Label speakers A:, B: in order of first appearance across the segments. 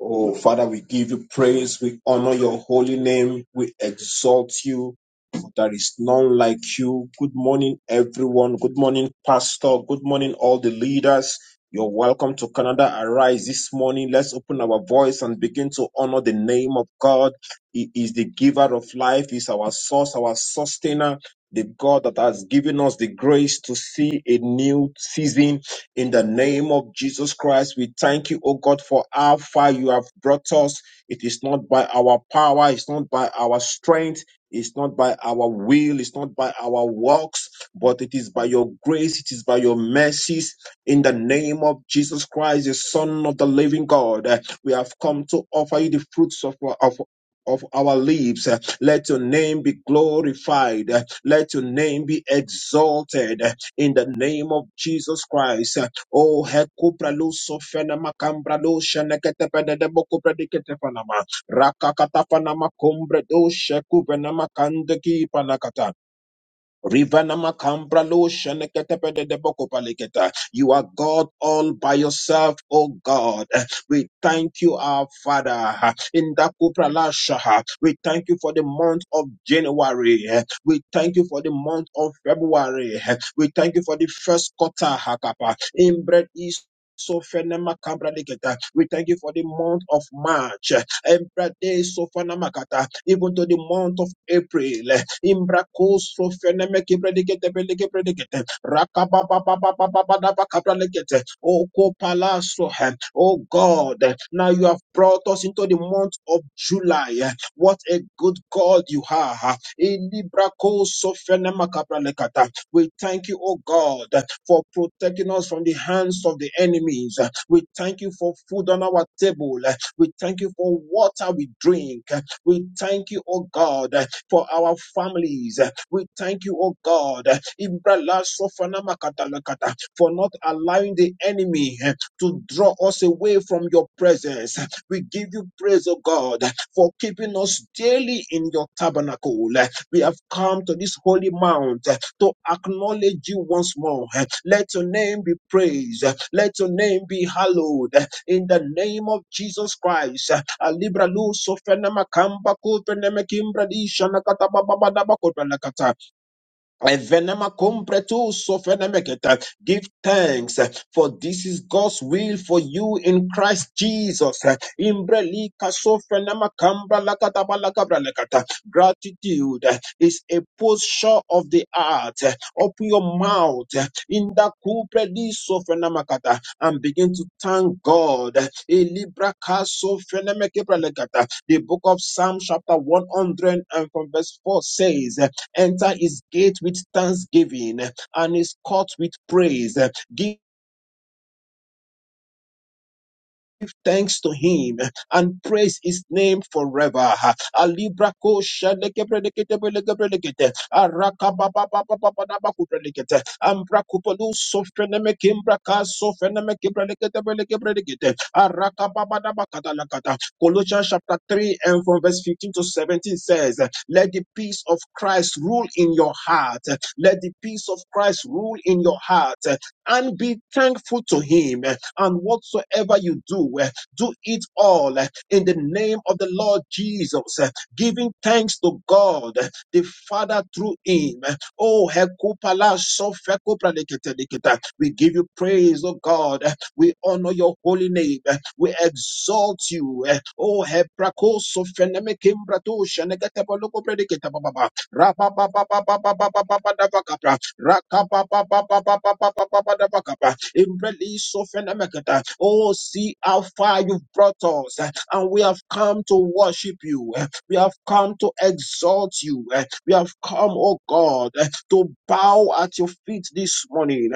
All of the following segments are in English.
A: Oh, Father, we give you praise. We honor your holy name. We exalt you. There is none like you. Good morning, everyone. Good morning, Pastor. Good morning, all the leaders. You're welcome to Canada Arise this morning. Let's open our voice and begin to honor the name of God. He is the giver of life. He's our source, our sustainer, the God that has given us the grace to see a new season in the name of Jesus Christ, we thank you, O God, for how far you have brought us. It is not by our power, it's not by our strength, it's not by our will, it's not by our works, but it is by your grace, it is by your mercies. In the name of Jesus Christ, the Son of the living God, eh, we have come to offer you the fruits of our. Of of our lips. Eh, Let your name be glorified. Eh, Let your name be exalted. Eh, in the name of Jesus Christ. O hekupra luso fena makambra dosha neketepede de bokupra diketefanama. Rakakatafanama kumbre dosha kupena makande ki panakata. Rivanama kambra lo sheneketepede deboko paleketa. You are God all by yourself, O God. We thank you, our Father. In Dakupralasha, we thank you for the month of January. We thank you for the month of February. We thank you for the first quarter, Hakapa. Inbred is. So fenema kambra we thank you for the month of March. Embrade so fenema kata. Even to the month of April. In brakosofenemki predikete pelike predikete rakabababababababababakabraleke te okopalaso hem oh God now you have brought us into the month of July what a good God you are in brakosofenemakabralekata we thank you oh God for protecting us from the hands of the enemies we thank you for food on our table we thank you for water we drink we thank you oh God for our families. We thank you, oh God, Ibrala Sofana Makatalakata, for not allowing the enemy to draw us away from your presence. We give you praise, oh God, for keeping us daily in your tabernacle. We have come to this holy mount to acknowledge you once more. Let your name be praised. Let your name be hallowed. In the name of Jesus Christ, alibra lu sofena makamba kufena mekimbra di shana kata baba baba baba kota la Evenema compretu sofenemeketa. Give thanks, eh, for this is God's will for you in Christ Jesus. eh. Imbrelika sofenema kambra lakataba lakabra lakata. Gratitude eh, is a posture of the heart. eh. Open your mouth eh, in the kupredi sofenemakata and begin to thank God. eh. Elibra kaso lakata. The book of Psalm chapter 100 and from verse 4 says, eh, Enter his gate with thanksgiving and his court with praise. Give thanks to him and praise his name forever. Alibrako shadekebredeketebelegebrelegete, arakabababababababakutrelegete, ambrakupolu sofrenemekimbraka sofrenemekebredeketebelegebrelegete, arakababababakatalakata. Colossians chapter 3 and from verse 15 to 17 says, Let the peace of Christ rule in your heart. Let the peace of Christ rule in your heart and be thankful to him and whatsoever you do do it all in the name of the Lord Jesus, giving thanks to God, the Father through him. Oh, Hekupala Sofekupradiketeliketa. we give you praise, oh God. We honor your holy name. We exalt you. Oh, Heprako Sofenemekimbrato Shenegatebolokopredikitababa. Rabababababababababababababababababa. Rakapapapapapapapapapapapa. Imbelisofenemeketa. Oh, see how far you've brought us, and we have come to worship you. We have come to exalt you. We have come, oh God, to bow at your feet this morning.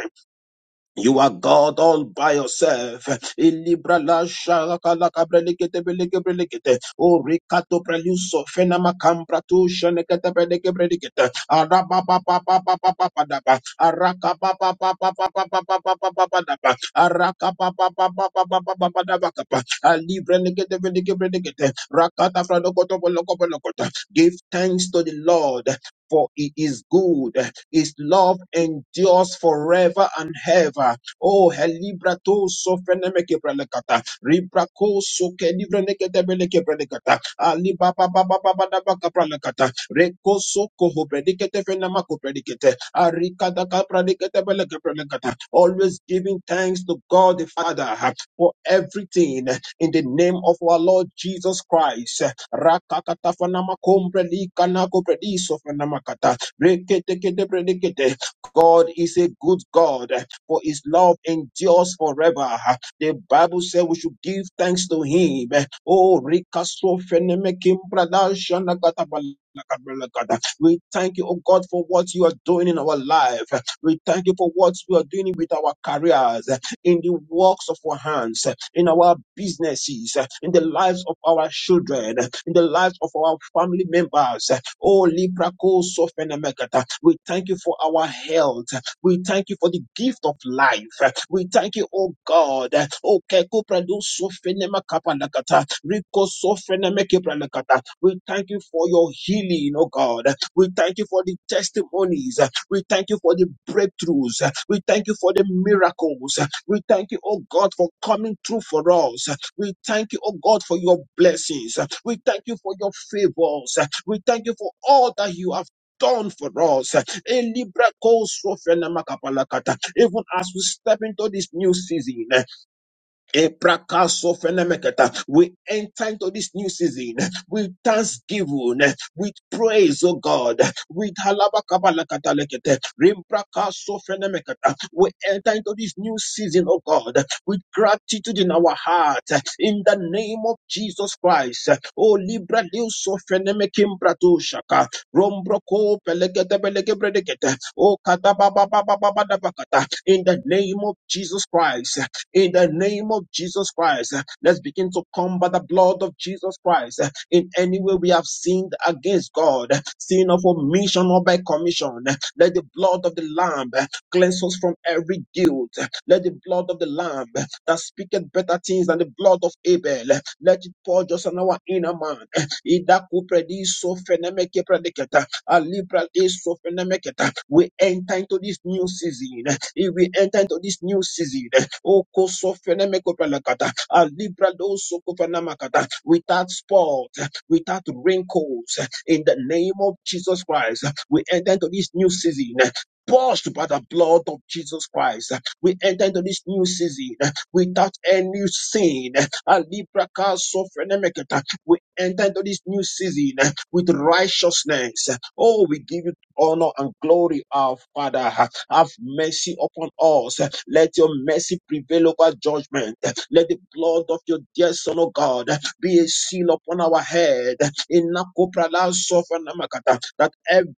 A: You are God all by yourself. Ilibra la shaka la kabre lekete beleke belekete. O rekato preluso fena makambra tu shenekete beleke belekete. Araba pa pa pa pa pa pa pa da ba. Araka pa pa pa pa pa pa pa pa pa pa pa pa da ba. Araka pa pa pa pa pa pa pa pa pa da ba ka pa. Alibre lekete beleke belekete. Rakata fra lokoto boloko bolokota. Give thanks to the Lord. For it is good his love endures forever and ever. Oh, helibra to sofenemeke prelekata. Ribrako soke livreneke debeleke prelekata. Ali baba baba baba da baka prelekata. Reko soko ho predikete fenamako predikete. Arika da ka predikete beleke prelekata. Always giving thanks to God the Father for everything in the name of our Lord Jesus Christ. Rakakata fanamakom prelikana ko predisofenamakata. God is a good God, for his love endures forever. The Bible said we should give thanks to him. Oh, we thank you, oh God, for what you are doing in our life. We thank you for what you are doing with our careers, in the works of our hands, in our businesses, in the lives of our children, in the lives of our family members. Oh, Libraco Sofenemekata. We thank you for our health. We thank you for the gift of life. We thank you, oh God. Oh, Keko Prado Sofenemakapalakata. Riko Sofenemekepalakata. We thank you for your healing, oh God. We thank you for the testimonies. We thank you for the breakthroughs. We thank you for the miracles. We thank you, oh God, for coming through for us. We thank you, oh God, for your blessings. We thank you for your favors. We thank you for all that you have done for us. Elibra koso fena makapalakata. Even as we step into this new season, Eprakaso fenemeketa. We enter into this new season with thanksgiving, with praise, oh God. With halabakabalakatalekete. Rimprakaso fenemeketa. We enter into this new season, oh God, with gratitude in our heart. In the name of Jesus Christ. Oh Libra Leuso fenemekimbratoushaka. Rombroko pelegete pelegebredekete. Oh katabababababababakata. In the name of Jesus Christ in the name of Jesus Christ. Let's begin to combat the blood of Jesus Christ in any way we have sinned against God, sin of omission or by commission. Let the blood of the Lamb cleanse us from every guilt. Let the blood of the Lamb that speaketh better things than the blood of Abel, let it purge us on our inner man. Ida kupre di so feneme ke prediketa. Alibra is sofenemeketa. We enter into this new season. If we enter into this new season, Oko sofenemekopelekata. Alibra do sokofenemakata. without spot, without wrinkles, in the name of Jesus Christ, we enter into this new season. Washed by the blood of Jesus Christ, we enter into this new season without any sin. Alibra ka sofenemeketa. We enter into this new season with righteousness. Oh, we give you honor and glory, our Father. Have mercy upon us. Let your mercy prevail over judgment. Let the blood of your dear Son, O God, be a seal upon our head. In Nakoprala Sofanamakata, That every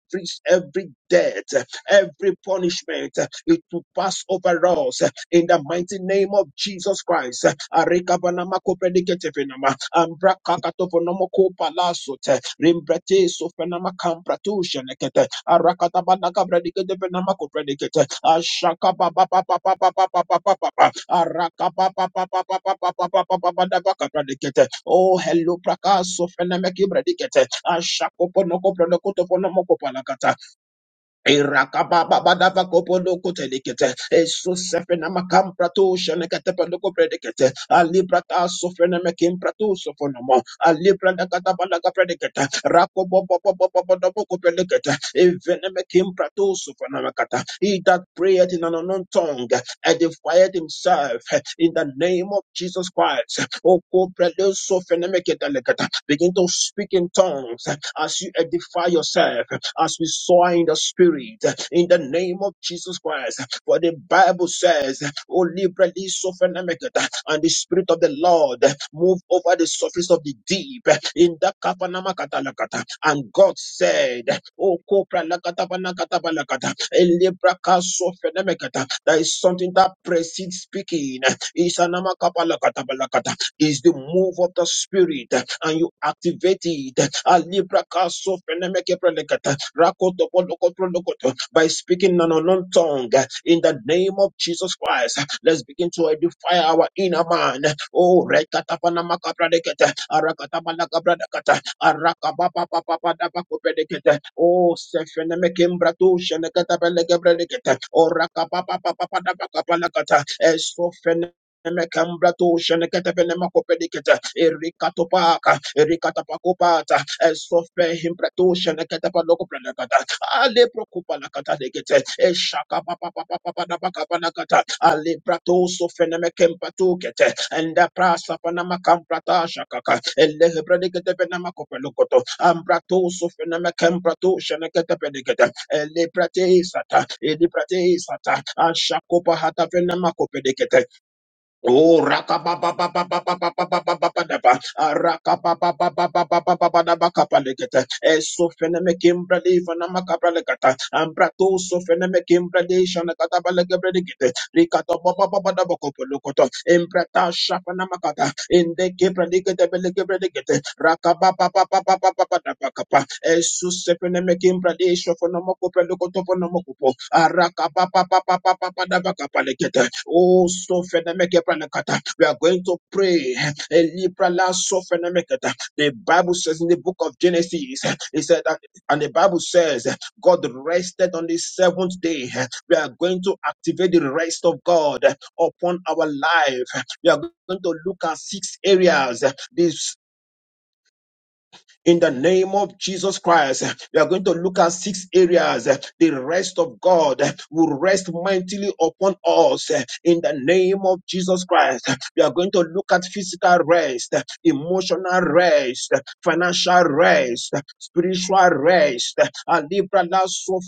A: every debt, every punishment, it will pass over us. In the mighty name of Jesus Christ. Arekabanamakoprediketepenama, Ambrakakatoponomokopalasote, Rimbrete Sofenama Campratusha Nekete Arakatabanaka Kabradikete Venamako Predicate Ashaka Papa Papa Papa Papa Papa Papa Araka Papa Papa Papa Papa Papa Papa Dabaka Predicate Oh Hello Praka Sofenamaki Predicate Ashako Ponoko Pronokoto Ponomoko Irakabababadavakopodokotelekete. Esusefenamakambratosheneketepedokopredekete. Alibratasofenemekimpratosofonomo. Alibradakatabalaga predekete. Rakobobobobobobodobokopelekete. Evenemekimpratosofonemekata. He that prayeth in an unknown tongue edifieth himself in the name of Jesus Christ. Okoprelosofenemeketelekete. Begin to speak in tongues as you edify yourself as we saw in the spirit in the name of Jesus Christ. For the Bible says, O liberally sophenemicata, and the spirit of the Lord moved over the surface of the deep in the Kapanama Katalakata. And God said, O Kopra Lakata Panakata Panakata, a libra sophenemicata. There is something that precedes speaking. Isanama Kapalakata Palakata is the move of the spirit and you activate it. A libra so phenomenal by speaking an unknown tongue in the name of Jesus Christ. Let's begin to edify our inner man. Oh, rekatapanamakabranikete, arakatapanakabrakata, arakapapapapapadapakopenikete, oh, sefenemekimbratu, shenekatapelekebranikete, oh, rakapapapapadapakopanakata, esofene- Mekambra to shenekete pene makope dikete erika sofre impratusha nakata paloko pranakata ale prokupa nakata dekete e shaka pa pa pa pa pa pa na pa ka pa nakata ale prato sofre na mekempa tukete enda prasa pa na makamprata shakaka ele hebra dekete pe na makopa lokoto amprato sofre na mekempratusha nakata pe dekete ele prate sata ele prate sata ashakopa hata pe na makope Oh, rakapapapapapapapapapapa, rakapapapapapapapapapapapapapa, esofeneme kimbrali fanama kapralegata, ambrato sofeneme kimbrali shanakata balegabredigete, rikato papapapapapapapapapapapapapa, embrata shafanama kata, inde kibraligete belegabredigete, rakapapapapapapapapapapapa, esofeneme kimbrali shofanama koprelukoto fanama kupo, rakapapapapapapapapapapa, Oh, so fenemeke pranakata. We are going to pray. Elibra la so fenemekata. The Bible says in the book of Genesis, eh, it said, that- and the Bible says, eh, God rested on the seventh day. Eh, We are going to activate the rest of God eh, upon our life. Eh, We are going to look at six areas. Eh, The in the name of Jesus Christ. We are going to look at six areas. The rest of God will rest mightily upon us in the name of Jesus Christ. We are going to look at physical rest, emotional rest, financial rest, spiritual rest, and so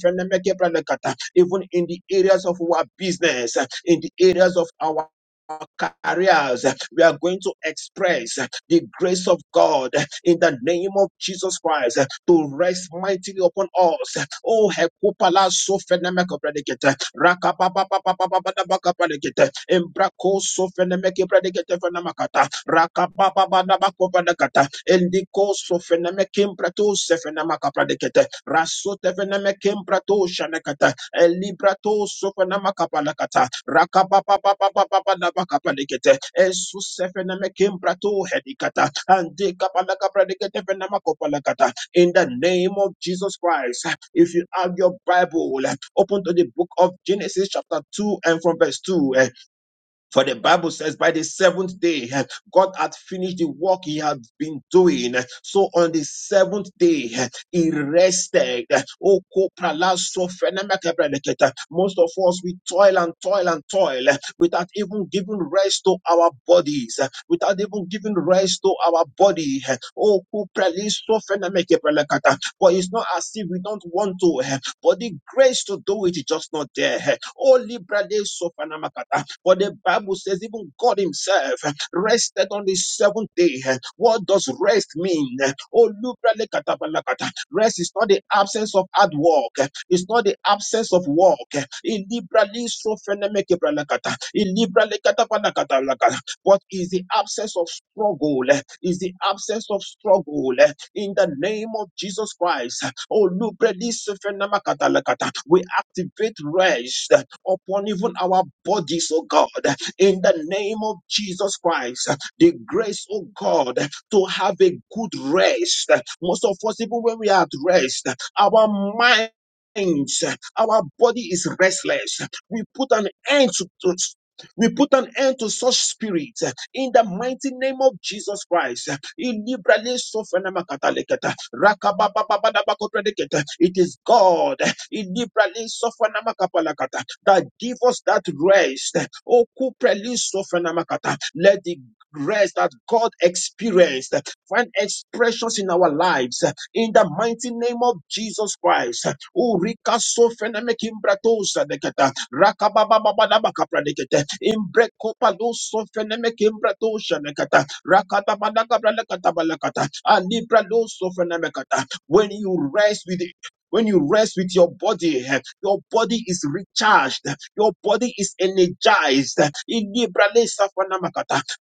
A: even in the areas of our business, in the areas of our our careers, we are going to express the grace of God in the name of Jesus Christ to rest mightily upon us. Oh, Hekupala Sofenemekopredicate, Rakapapapapapapapapredicate, Embraco Sofenemekipredicate Fenamakata, Rakapapapapapapredicate, Indico Sofenemekimprato Sefenamakapredicate, Rasotevenemekimprato Shanakata, Elibrato sofanama kapalakata. Rakapapapapapapalakapalekete. Esusefeneme kimbrato hedikata. Ande kapalakapradekete fenama kopalakata. In the name of Jesus Christ, if you have your Bible, open to the book of Genesis chapter 2 and from verse 2. For the Bible says, by the seventh day, eh, God had finished the work he had been doing. Eh, So on the seventh day, eh, he rested. Eh, Oh, koprala so Most of us, we toil and toil and toil eh, without even giving rest to our bodies, eh, without even giving rest to our body. eh. Oh, koprali so but it's not as if we don't want to, eh, but the grace to do it is just not there. eh. Oh, librade so but the Bible says even God Himself rested on the seventh day. What does rest mean? Oh, lubralekatabalakata. rest is not the absence of hard work. It's not the absence of work. Ilibralisofenemekebralakata. Ilibralekatabalakatalakata. But is the absence of struggle. Is the absence of struggle in the name of Jesus Christ. Oh, Lubrelis Fenamakatalakata. We activate rest upon even our bodies, oh God, in the name of Jesus Christ. The grace, oh God, to have a good rest. Most of us, even when we are at rest, our minds, Our body is restless. We put an end to, to- we put an end to such spirits uh, in the mighty name of Jesus Christ. Uh, in liberally sofenamakataleketa, rakababababadabakoteleketa. It is God. uh, in liberally sofenamakataleketa, that give us that rest. Oh, kuprelisofenamakata. Let the rest that God experienced find expressions in our lives in the mighty name of Jesus Christ. Oh, rika sofenamekimbratosa rikasofenamekimbratosadeketa. Rakabababababakapradekete. Imbrekopalosofenamekimbratosadeketa. Rakatabalakabalakabalakata. Alibralosofenamekata. When you rest with when you rest with your body, eh, your body is recharged, eh, your body is energized eh,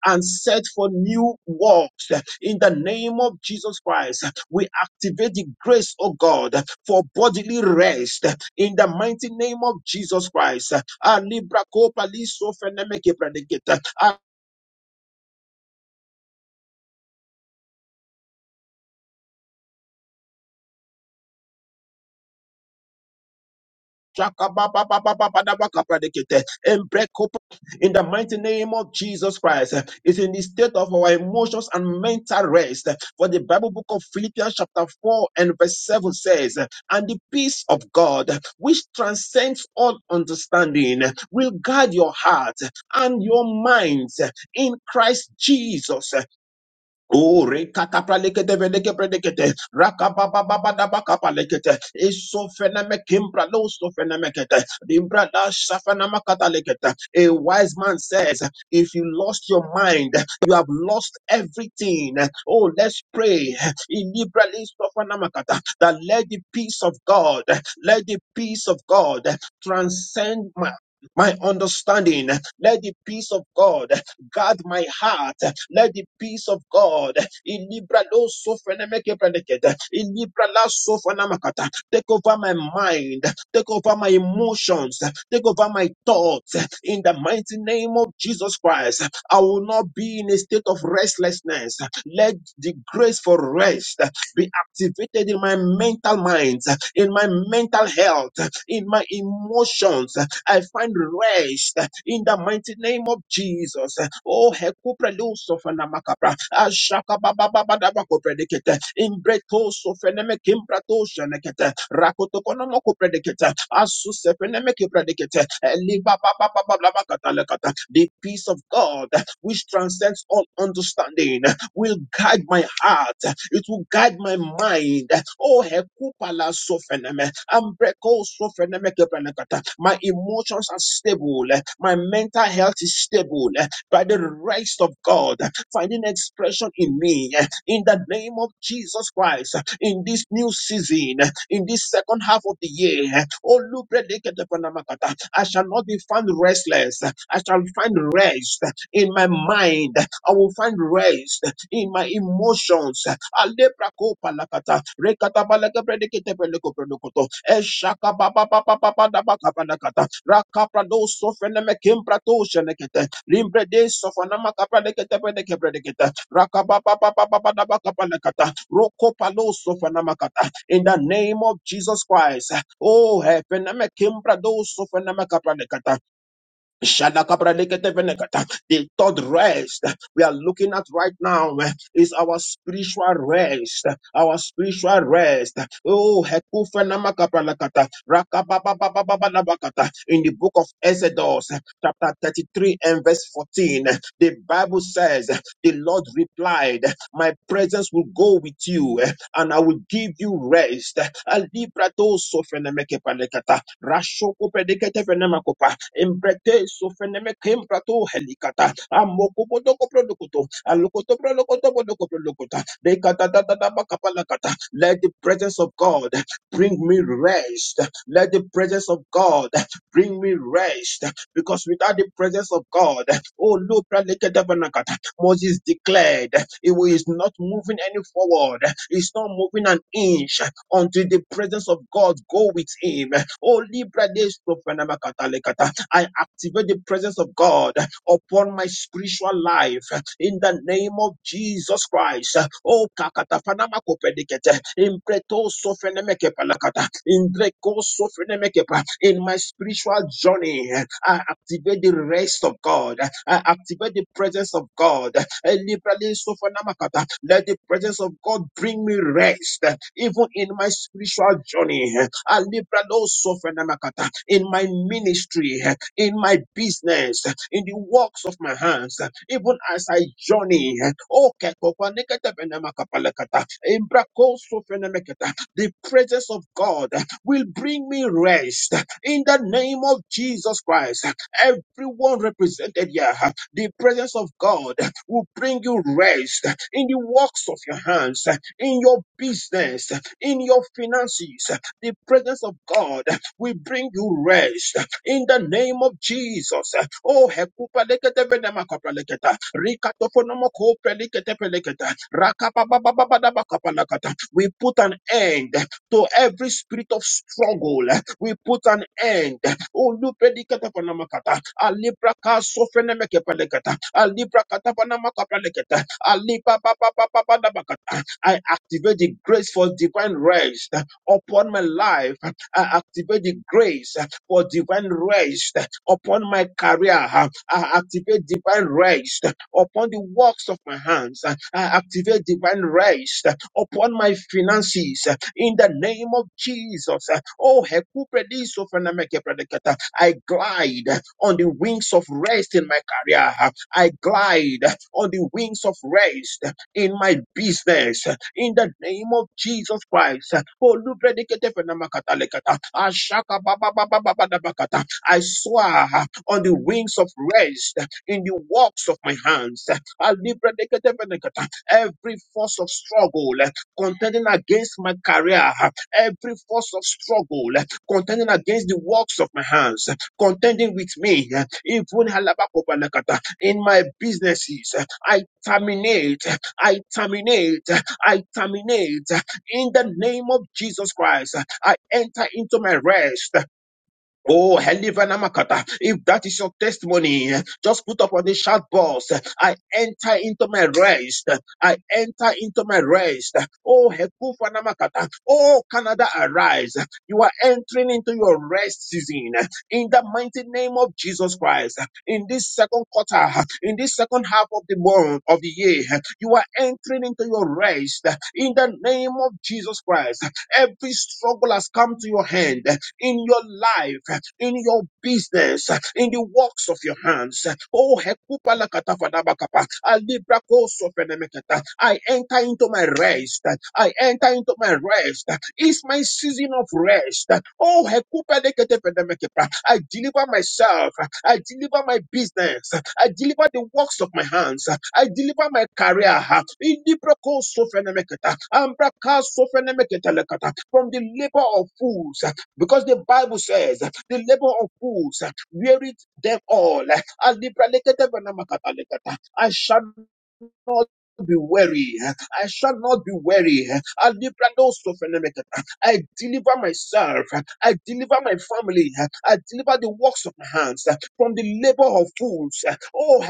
A: and set for new works. eh, In the name of Jesus Christ, eh, we activate the grace of God eh, for bodily rest eh, in the mighty name of Jesus Christ. eh, Ah, Libra Copa Liso Oh, O rekatapraleketevelekepredekete, rakababababadabakapalekete, isofenemekimbralousofenemekete, dimbradashafenamakatalekete. A wise man says, If you lost your mind, you have lost everything. Oh, let's pray. Ilibralisofenamakata, That let the peace of God, let the peace of God transcend my, my understanding. Let the peace of God Guard my heart. Let the peace of God in Libra lo sofrenemeke prenekete, in Libra la sofrenamakata, take over my mind, take over my emotions, take over my thoughts. In the mighty name of Jesus Christ, I will not be in a state of restlessness. Let the grace for rest be activated in my mental mind, in my mental health, in my emotions. I find rest in the mighty name of Jesus. Oh, hekupre lusofana makapra. Ashaka baba baba daba kupredikete. Imbreto sofeneme kimbrato shenekete. Rakoto konomo kupredikete. Asu sefeneme kipredikete. Eliba baba baba The peace of God which transcends all understanding will guide my heart. It will guide my mind. Oh, hekupala sofeneme, ambreko sofeneme keprenekata. my emotions are stable. My mental health is stable by the rest of God finding expression in me. In the name of Jesus Christ, in this new season, in this second half of the year, oh, lubredeketepenamakata, I shall not be found restless. I shall find rest in my mind. I will find rest in my emotions. Alebra kopa lakata, rekata balaka predikete beleko predokoto, eshaka baba baba baba da baka balakata, rakapra do sofene me kimbra to shenekete, limbre de sofana makapra dekete predike predikete, rakaba baba baba da baka balakata, roko palo sofana makata. In the name of Jesus Christ, oh heaven, me kimbra do sofana makapra dekata, Shalakabraleketevenekata. The third rest we are looking at right now eh, is our spiritual rest. Our spiritual rest. Oh, hekufenamakabralakata, rakababababababalabakata. in the book of Exodus, eh, chapter 33 and verse 14, eh, the Bible says, eh, The Lord replied, eh, My presence will go with you, eh, and I will give you rest. Alibrato sofenemekepalekata, rashokopedeketefenemakopalekata imbrete sofeneme kemprato helikata amoko podoko prodokoto alokoto prodokoto podoko prodokota dekata tata taba kapalakata let the presence of God bring me rest let the presence of God bring me rest because without the presence of God oh no pralekata Moses declared he is not moving any forward he's not moving an inch until the presence of God go with him. Oh, Libra I activate the presence of God upon my spiritual life in the name of Jesus Christ. Oh, kakata fanama kopedikete, impreto sofenemeke palakata, indreko sofenemekepa. in my spiritual journey, I activate the rest of God. I activate the presence of God. Eh, liberally sofenamakata. Let the presence of God bring me rest, even in my spiritual journey. I liberally sofenamakata. In my ministry, in my business, in the works of my hands, even as I journey. Oh, kekokwaneketepenemakapalekata, imbrakosofenemeketa, The presence of God will bring me rest in the name of Jesus Christ. Everyone represented here, the presence of God will bring you rest in the works of your hands, in your business, in your finances. The presence of God will bring you rest in the name of Jesus. Oh, hekupa lekete venema kapa leketa. Rikatoponomo kope lekete peleketa. Rakapababababadaba kapa lakata. We put an end to every spirit of struggle. We put an end. Oh, lupe lekete panama kata. Alibra kaso feneme kepe leketa. Alibra kata panama kapa leketa. Aliba ba ba ba ba kata. I activate the grace for divine rest upon my life I activate the grace uh, for divine rest uh, upon my career. uh, I activate divine rest uh, upon the works of my hands. uh, I activate divine rest uh, upon my finances uh, in the name of Jesus. uh, Oh, Hekubrediso Fanameke Predicata, I glide uh, on the wings of rest in my career. uh, I glide uh, on the wings of rest in my business in the name of Jesus Christ. Olubredeketepenamakata. Ashakabababababababakata. I swear on the wings of rest in the works of my hands. Alibredeketepenekata. Every force of struggle contending against my career, every force of struggle contending against the works of my hands, contending with me, even in my businesses. I terminate, I terminate, I terminate in the name of Jesus Christ. I enter into my rest. Oh, Helivana Makata. If that is your testimony, just put up on the chat box. I enter into my rest. I enter into my rest. Oh, Hekufana Makata. Oh, Canada, arise. You are entering into your rest season in the mighty name of Jesus Christ. In this second quarter, in this second half of the month of the year, you are entering into your rest in the name of Jesus Christ. Every struggle has come to your hand in your life, in your business, in the works of your hands. Oh, hekupa lakata fadabakapa, alibra koso fenemeketa. I enter into my rest. I enter into my rest. It's my season of rest. Oh, hekupa lekete fenemekepa. I deliver myself. I deliver my business. I deliver the works of my hands. I deliver my career. Ilibra koso fenemeketa, ambra kaso fenemeketa lekata. From the labor of fools. Because the Bible says that the labor of fools uh, wearied them all. uh, and liberalekete benamakatalekata. I shall not be weary. uh, I shall not be weary. I I deliver myself. uh, I deliver my family. uh, I deliver the works of my hands uh, from the labor of fools. uh, Oh,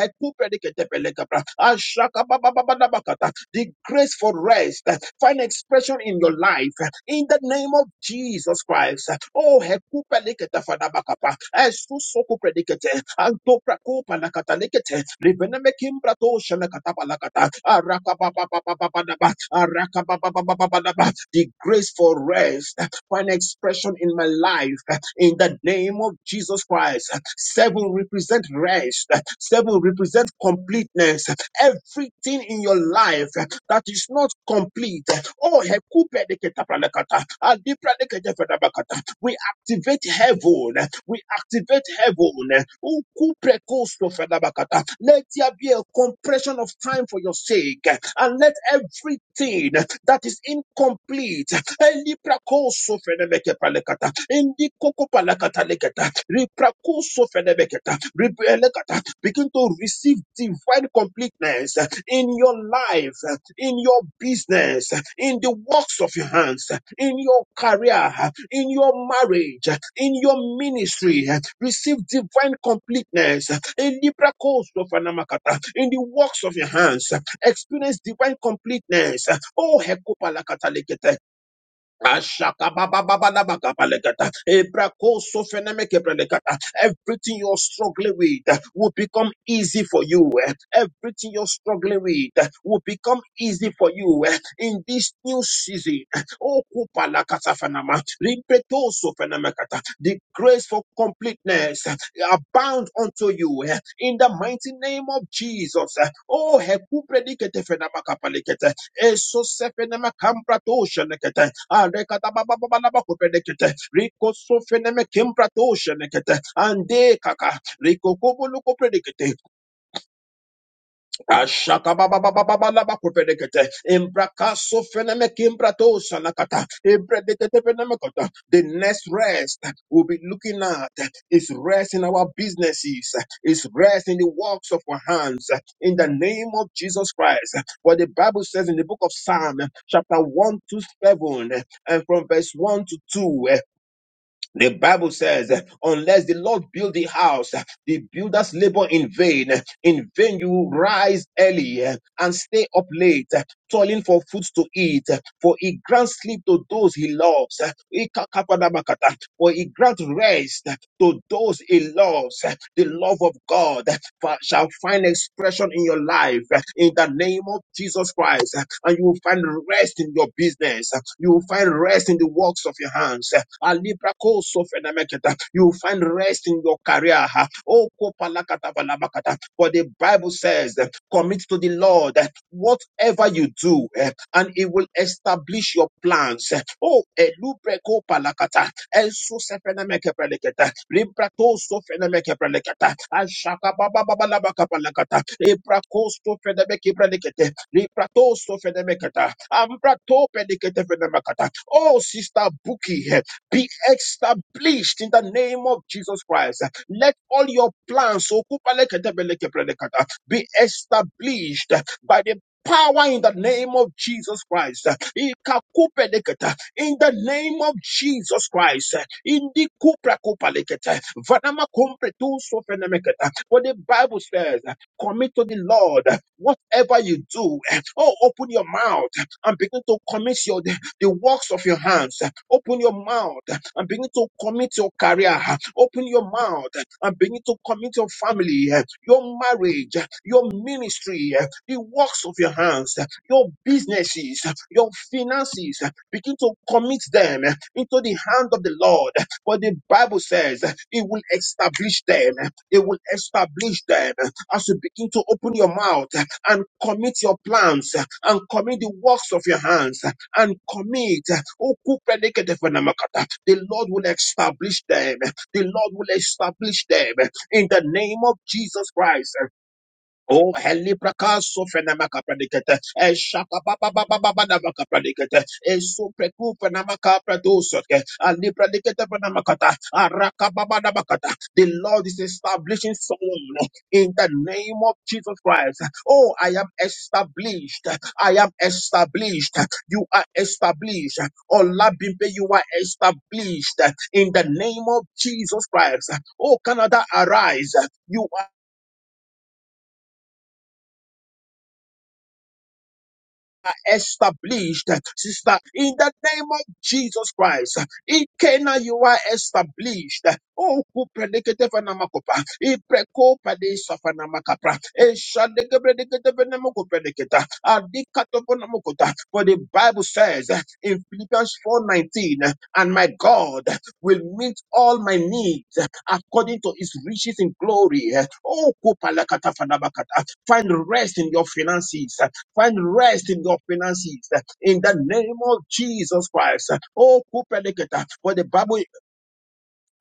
A: I shall the grace for rest uh, find expression in your life uh, in the name of Jesus Christ. Oh, hekupa lekete fadabakapa. Esu soku predikete. Anto prakopa nakata lekete. Ribeneme kimbra to palakata. Araka ba ba ba ba ba ba da ba. Araka ba ba ba ba ba ba da ba. The grace for rest for an expression in my life uh, in the name of Jesus Christ. Uh, Seven represent rest, Uh, seven represent completeness. Uh, Everything in your life uh, that is not complete. uh, Oh, hekupe activate heaven. We activate heaven. Ukuprekostofelabakata. Let there be a compression of time for your sake. And let everything that is incomplete. Eliprakosofelebekepalekata. Indikokopalakataleketa. Riprakosofelebeketa. Ribelekata. Begin to receive divine completeness uh, in your life, uh, in your business, uh, in the works of your hands, uh, in your career, uh, in your marriage, uh, in your ministry. uh, Receive divine completeness uh, in Libra Coast of Anamakata, in the works of your hands. uh, Experience divine completeness. uh, Oh, Hekopalakatalekete. Ashakabababababakapalekata. Ebrakoso-fenemekepelekata. Everything you're struggling with will become easy for you. Everything you're struggling with will become easy for you in this new season. Oh, Okupalakatafanama. Rimpetosofenemekata. The grace for completeness abound unto you in the mighty name of Jesus. Oh, he kubre di kete hekuprediketefenamakapalekete. Esosefenemakambratoshenekete. Arekata baba baba na bakupedekete. Riko sofene me kempra toshe nekete. ande Arekatababababalabakopedekete. Rikosofenemekempratooshenekete. Andekaka. Rikokobulukopredekete. Ashakabababababalabakuperekete. Imbrakaso fenemekimbrato sanakata. Ibredekete fenemekota. The next rest we'll be looking at is rest in our businesses, is rest in the works of our hands, in the name of Jesus Christ. What the Bible says in the book of Psalm, chapter 1 to 7, and from verse 1 to 2, the Bible says, unless the Lord build the house, the builders labor in vain. In vain you rise early and stay up late toiling for foods to eat, for he grants sleep to those he loves. Ikakapadabakata. For he grants rest to those he loves. The love of God shall find expression in your life in the name of Jesus Christ. And you will find rest in your business. You will find rest in the works of your hands. Alibrako sofenameketa. You will find rest in your career. Oh, kopalakatabalabakata. For the Bible says, commit to the Lord whatever you do, eh, and it will establish your plans. eh. Oh, elubreko palakata, enso sefenemeke peleketa, librato sofenemeke peleketa, ashaka baba baba labaka palakata, ebrako sofenemeke pelekete, librato sofenemeketa, ambrato pelekete fenemekata. Oh, sister Buki, eh, be established in the name of Jesus Christ. Let all your plans okupalekete beleke pelekata, be established by the Power in the name of Jesus Christ. Ikakupelekete. In the name of Jesus Christ. Indikuprakupalekete. Vanamakumpretusofenemekete. For the Bible says, commit to the Lord whatever you do. Oh, open your mouth and begin to commit your the works of your hands. Open your mouth and begin to commit your career. Open your mouth and begin to commit your family, your marriage, your ministry, the works of your hands, your businesses, your finances. Begin to commit them into the hand of the Lord. But the Bible says it will establish them. It will establish them as you begin to open your mouth and commit your plans and commit the works of your hands and commit. The Lord will establish them. The Lord will establish them in the name of Jesus Christ. Oh, helibrakaso fenamaka predicate, e shaka baba baba baba namaka predicate, e supreku fenamaka pradosoke, a libradicate fenamakata, a raka baba namakata. The Lord is establishing someone in the name of Jesus Christ. Oh, I am established. I am established. You are established. Oh, Labimbe, you are established in the name of Jesus Christ. Oh, Canada, arise. You established, sister, in the name of Jesus Christ. In Cana, you are established. Oh, who predicated for Namakopa? In Preco, Padis of Namakapra. In Shadeka, predicated for Namako predicata. Adikato for For the Bible says in Philippians 4:19, and my God will meet all my needs according to his riches in glory. Oh, Kupalakata Fanabakata. Find rest in your finances. Find rest in your finances uh, in the name of Jesus Christ. Uh, Oh, Kupeliketa, for the Bible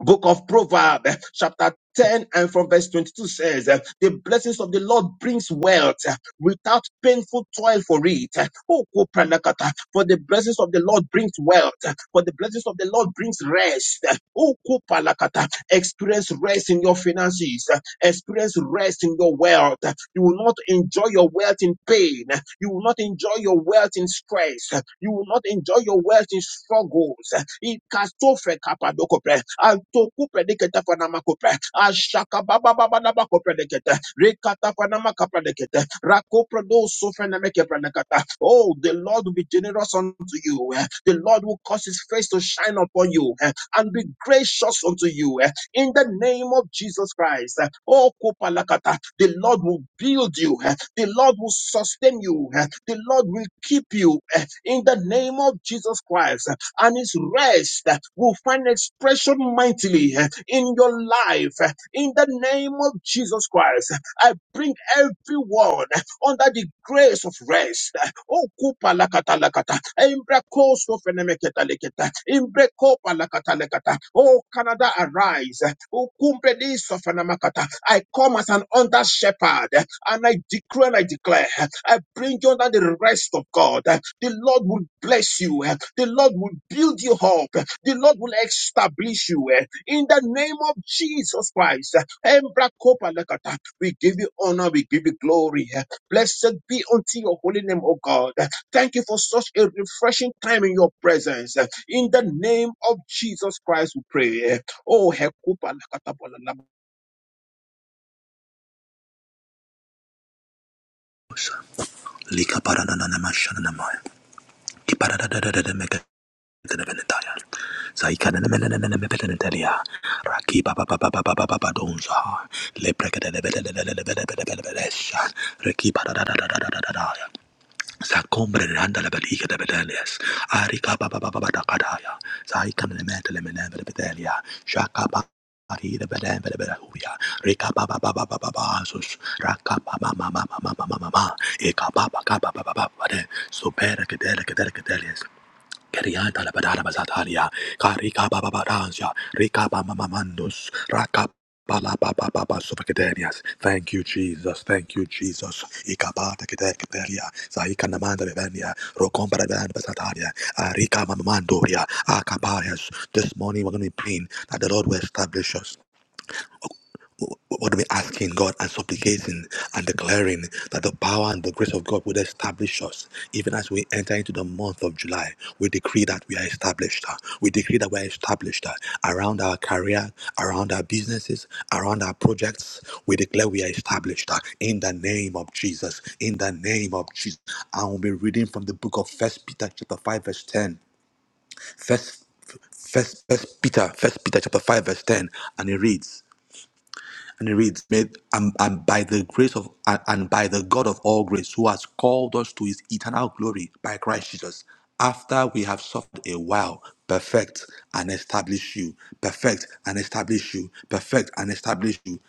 A: book of Proverbs, uh, chapter 10 and from verse 22 says, uh, The blessings of the Lord brings wealth uh, without painful toil for it. Uh, Oh, Kupeliketa, for the blessings of the Lord brings wealth, uh, for the blessings of the Lord brings rest. Uh, Oh, Kupeliketa, experience rest in your finances. Uh, Experience rest in your wealth. You will not enjoy your wealth in pain. You will not enjoy your wealth in stress. You will not enjoy your wealth in struggles. Ikastofe kapadokope. Antokupedikete fanamakope. Ashakabababababakopedikete. Rekatafanamakapadikete. Rakoprodosofenemekeprenekata. Oh, the Lord will be generous unto you. The Lord will cause his face to shine upon you and be gracious unto you in the name of Jesus Christ. Oh, Kopalakata, the Lord will build you, eh, the Lord will sustain you, eh, the Lord will keep you eh, in the name of Jesus Christ. And his rest eh, will find expression mightily eh, in your life eh, in the name of Jesus Christ. I bring everyone under the grace of rest. Oh, kupa lakata lakata. Embra kosto fenemeketa leketa. Embre kopa lakata lekata. Oh, Canada, arise. Oh, kumbre diso fenemakata. I come as an under shepherd and I decree and I declare. I bring you under the rest of God. The Lord will bless you. The Lord will build you up. The Lord will establish you. In the name of Jesus Christ. Embra kopa lakata. We give you honor. We give you glory. Blessed be unto your holy name, O God. Thank you for such a refreshing time in your presence. In the name of Jesus Christ, we pray. Oh,
B: Lika parananamashanamaya. Kiparadadadadadamekadadabelentaya. Zaikadanamelelelelebelentelia. Rakibabababababababadonza. Leprekadadabelelelelebelebelebelesha. Rekipadadadadadadadadaya. Sakombre randa la baliga de bedelias. Arika baba baba baba kadaya. Saika menemete le menemete bedelia. Shaka ba. Ari de bedem bede bede huya. Rika baba baba baba baba sus. Raka baba mama mama mama mama. Eka baba kaba baba baba bade. Supera kedele kedele kedele. Kerianta la badara bazatalia, karika baba baransia, rika baba mamandus, raka bala baba baba sufakadenias. Thank you, Jesus. Thank you, Jesus. Ikabata kete keteria, zaika namanda bevenia, rokombra dan bazatalia, arika mamamandoria, akabarias. This morning we're going to be praying that the Lord will establish us. What are we asking God and supplicating and declaring that the power and the grace of God will establish us even as we enter into the month of July? We decree that we are established. uh, We decree that we are established uh, around our career, around our businesses, around our projects. We declare we are established uh, in the name of Jesus. In the name of Jesus. I will be reading from the book of First Peter chapter 5, verse 10. First, first, first Peter, First Peter chapter 5, verse 10, and it reads. And it reads, "Made- and, and by the grace of and, and by the God of all grace, who has called us to his eternal glory by Christ Jesus, after we have suffered a while, perfect and establish you, perfect and establish you, perfect and establish you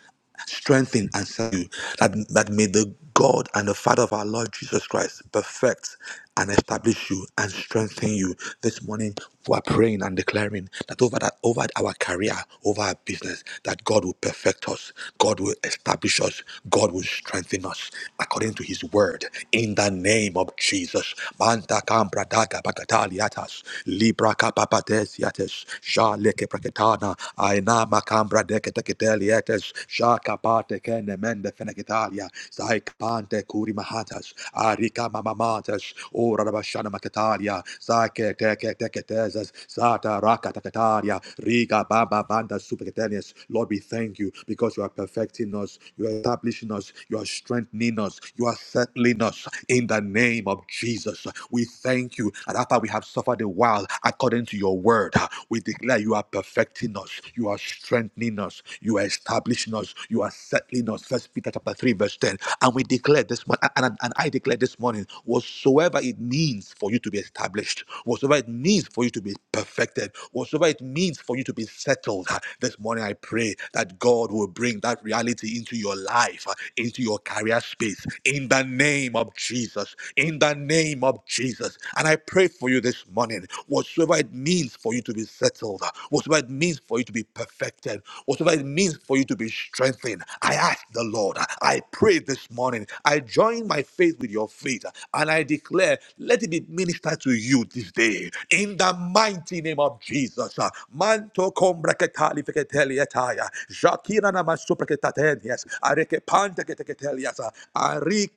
B: strengthen and serve you. That, that may the God and the Father of our Lord Jesus Christ perfect and establish you and strengthen you. This morning we are praying and declaring that over that over our career, over our business, that God will perfect us, God will establish us, God will strengthen us according to his word. In the name of Jesus. Manta kambra daga bagataliatas, libra kapapates yates, jale Kepraketana, Aina makambra deketekitelietes, shaka pate kene mende fenekitalia, zaikpante kuri mahatas, arika mamamatas, ora rabashana maketalia, zake teke teketezes, zata raka taketalia, riga baba banda superketenies. Lord, we thank you because you are perfecting us, you are establishing us, you are strengthening us, you are settling us in the name of Jesus. We thank you. And after we have suffered a while, I according to your word. We declare you are perfecting us, you are strengthening us, you are establishing us, you are settling us. First Peter chapter 3, verse 10. And we declare this morning, and, and and I declare this morning, whatsoever it means for you to be established, whatsoever it means for you to be perfected, whatsoever it means for you to be settled, this morning I pray that God will bring that reality into your life, into your career space, in the name of Jesus, in the name of Jesus. And I pray for you this morning, whatsoever it means for you to be settled, whatsoever it means for you to be perfected, whatever it means for you to be strengthened, I ask the Lord, I pray this morning, I join my faith with your faith, and I declare, let it be ministered to you this day, in the mighty name of Jesus. Manto kombraketali feketelietaya, Shakira namasupraketatenyes, arekepante keteketelias,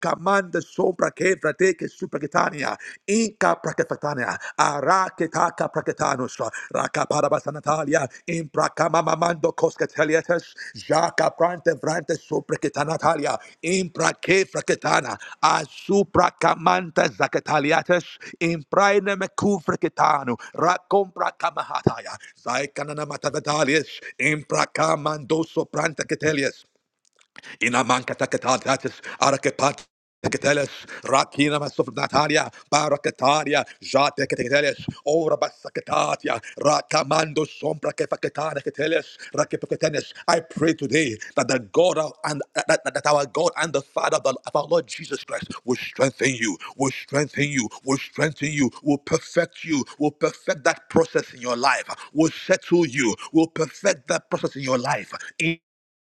B: Kamanda sobra kevra teke que supraketania, inka praketania, araketaka praketanus, rakaparabasa natalia, imprakamamanando coscateliates, jaca prante vrante supraketanalia, imprake fraketana, asuprakamanta zaketaliates, impraine mecufraketanu, racompra kamahataya, zaikanana matavitalies, imprakamandoso prante ketelias. Inamankatakatatis, Arakepat. Teketeles, Rakina Masofnataria, Barakataria, Jate Keteketeles, Ora Basakatatia, Rakamando Sombra Kefaketana Keteles, Rakepeketenes. I pray today that the God of, and that, that that our God and the Father of, the, of our Lord Jesus Christ will strengthen you, will strengthen you, will strengthen you, will perfect you, will perfect that process in your life, will settle you, will perfect that process in your life. In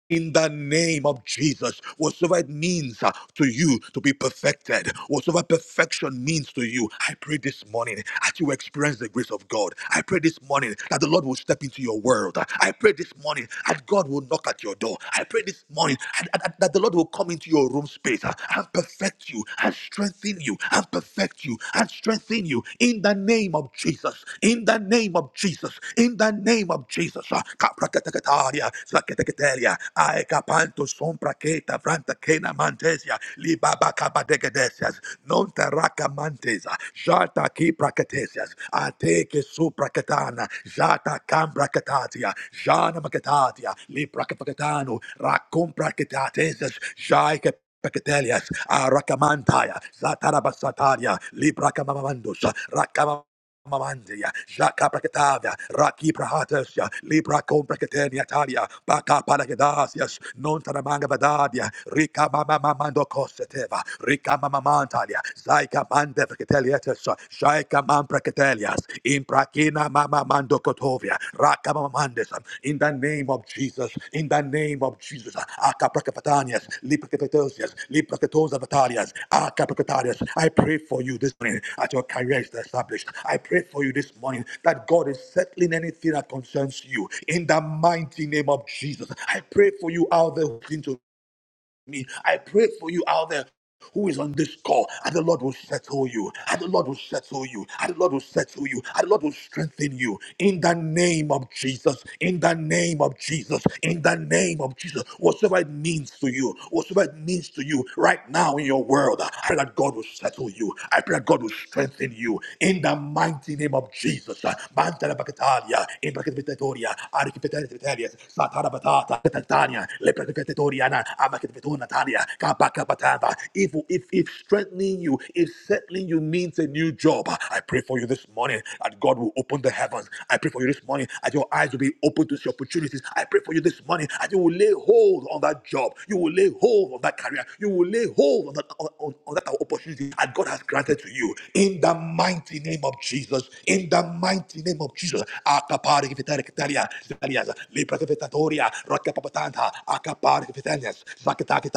B: in the name of Jesus. Whatsoever it means uh, to you to be perfected, whatsoever perfection means to you, I pray this morning that you experience the grace of God. I pray this morning that the Lord will step into your world. I pray this morning that God will knock at your door. I pray this morning that, that- that the Lord will come into your room space uh, and perfect you and strengthen you and perfect you and strengthen you in the name of Jesus. In the name of Jesus. In the name name of Jesus. uh, Kaprakatakataria, Sakatakataria, Aekapanto Sompraketa, Vranta kena Mantesia, Libaba Kabadegedesias, Nontaraka Mantesa, Jata Kiprakatesias, Ateke Suprakatana, Jata Kambrakatatia, Jana Makatatia, Liprakapakatano, Rakumprakatatesias, Jaike Pecatelias, Arakamantaya, Zatarabasataria, Libra Camamandus, Mamandia, Shaka Prakatavia, Raki Prahatasya, Libra Comprakatania Talia, Baka Paragedasias, Nontanamanga Vadadia, Rika Mama Mamando Coseteva, Rika Mama Mantalia, Zaika Mande Prakateliatas, Shaika Man Prakatelias, Imprakina Mama Mando Kotovia, Raka Mama in the name of Jesus. In the name of Jesus. Akaprakafatanias, liprakepetosias, liprakatos akaprakatarias. I pray for you this morning that your career is established. I pray for you this morning that God is settling anything that concerns you. In the mighty name of Jesus. I pray for you out there who seem to me. I pray for you out there who is on this call, and the Lord will settle you, and the Lord will settle you, and the Lord will settle you, and the Lord will strengthen you in the name of Jesus, in the name of Jesus, in the name of Jesus, whatsoever it means to you, whatsoever it means to you right now in your world, I pray that God will settle you, I pray that God will strengthen you in the mighty name of Jesus. Mantala Bacatalia, in Bacatatoria, Archipetaria, Satara Batata, Tatania, Lepracatoriana, Abacatona Talia, Makapatava. If, if, if strengthening you, if settling you means a new job, I pray for you this morning that God will open the heavens. I pray for you this morning that your eyes will be open to see opportunities. I pray for you this morning that you will lay hold on that job. You will lay hold on that career. You will lay hold on that, on, on- on that opportunity that God has granted to you. In the mighty name of Jesus. In the mighty name of Jesus. Akapari kifitari kitariya, zitariya, lepra kifitatoria, rakapapatanta, akapari kifitanias,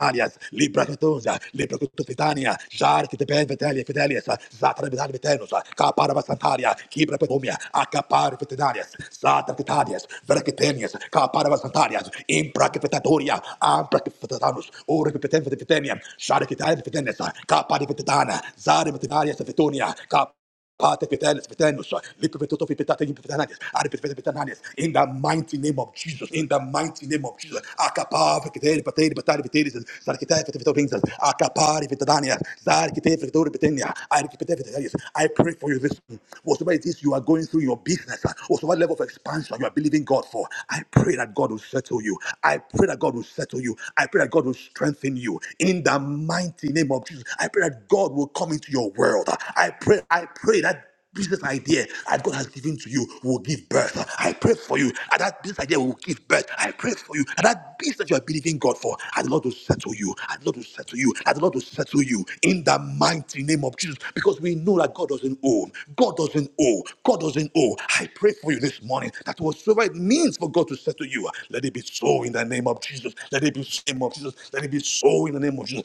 B: Arias, Libra Catosa, Libra Cotofitania, Jar Kitaben Vitelia Fidelius, Zatra Vidan Vitenus, Capara Vasantaria, Kibra Petomia, Acapar Vitidarias, Zatra Vitadias, Veracitanias, Capara Vasantarias, Impra Capitatoria, Ampra Capitatanus, Ore Capiten Vititania, Shara Kitan Vitenes, Capari Vititana, Zara Vitidarias Vitonia, Parte Petenis, Petenus, Lipi Petuto Pitatin Pitanis, Ari Pitanis, Pitanis, in the mighty name of Jesus, in the mighty name of Jesus, Akapav, Kiteri, Pateri, Patari, Piteris, Sarkitai, Pitavito Pinsas, Akapari, Pitania, Sarkitai, Fitori, Pitania, Ari Kitai, Pitanis. I pray for you this morning. whatever it is you are going through in your business, whatever level of expansion you are believing God for, I pray that God will settle you. I pray that God will settle you you. I pray that God will strengthen you in the mighty name of Jesus. I pray that God will come into your world. I pray, I pray that business idea that God has given to you will give birth. I pray for you that that business idea will give birth. I pray for you that that business you are believing God for, and the Lord will settle you, and the Lord will settle you, and the Lord will settle you in the mighty name of Jesus. Because we know that God doesn't owe. God doesn't owe owe. God doesn't owe. I pray for you this morning that whatsoever it means for God to say to you, uh, let it be so in the name of Jesus. Let it be so in the name of Jesus. Let it be so in the name of Jesus.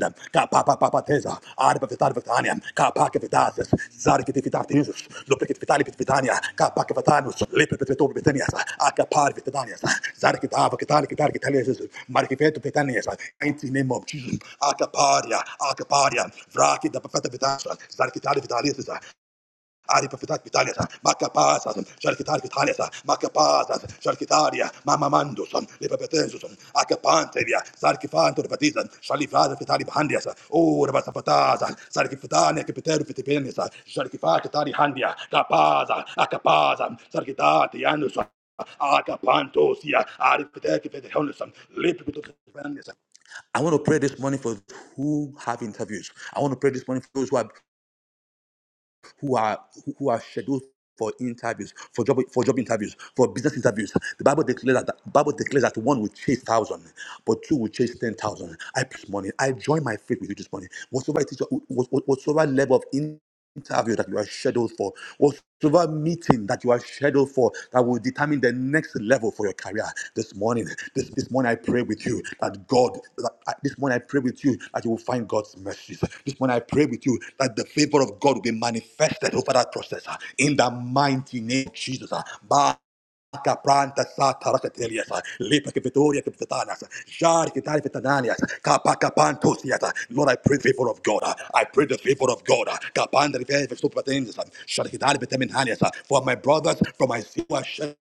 B: Ka pa pa pa pa teza, are pa vitali vitania, ka pa ke vitases, zari ke vitar tezus, lo pe ke vitali pit vitania, ka pa ke vitanus, le pe petu vitania, a ka par vitania, zari ke tava ke tali ke tali ke tali mar ke vetu vitania, in name of Jesus, a ka paria, a ka paria, vraki da pa feta vitas, zari ke tali vitalis, Ari profetas vitales, macapazas, charquitarias vitales, macapazas, charquitaria, mamamandus, lipapetensus, acapantelia, sarcifanto repetisan, salivada vitali handias, urba sapataza, sarcifitania capiteru vitipenis, charquifati tari handia, capaza, acapaza, sarcitati anus, I want to pray this morning for who have interviews. I want to pray this morning for those who have who are who are scheduled for interviews, for job for job interviews, for business interviews. The Bible declares that the Bible declares that one will chase thousand, but two will chase ten thousand. I this morning, I join my faith with you this morning. Whatsoever it is, what- what- whatsoever level of in- interview that you are scheduled for, whatever meeting that you are scheduled for that will determine the next level for your career this morning. This, this morning, I pray with you that God, that, I- this morning, I pray with you that you will find God's mercies. This morning, I pray with you that the favor of God will be manifested over that process uh, in the mighty name of Jesus. uh, By Kapranta sata rakatelias, lipa kivitoria kivitanas, jar kitari vitananias, kapa kapantusias. Lord, I pray the favor of God. I pray the favor of God. Kapanda rivere vestupatendis, shar kitari vitaminanias. For my brothers, for my sister,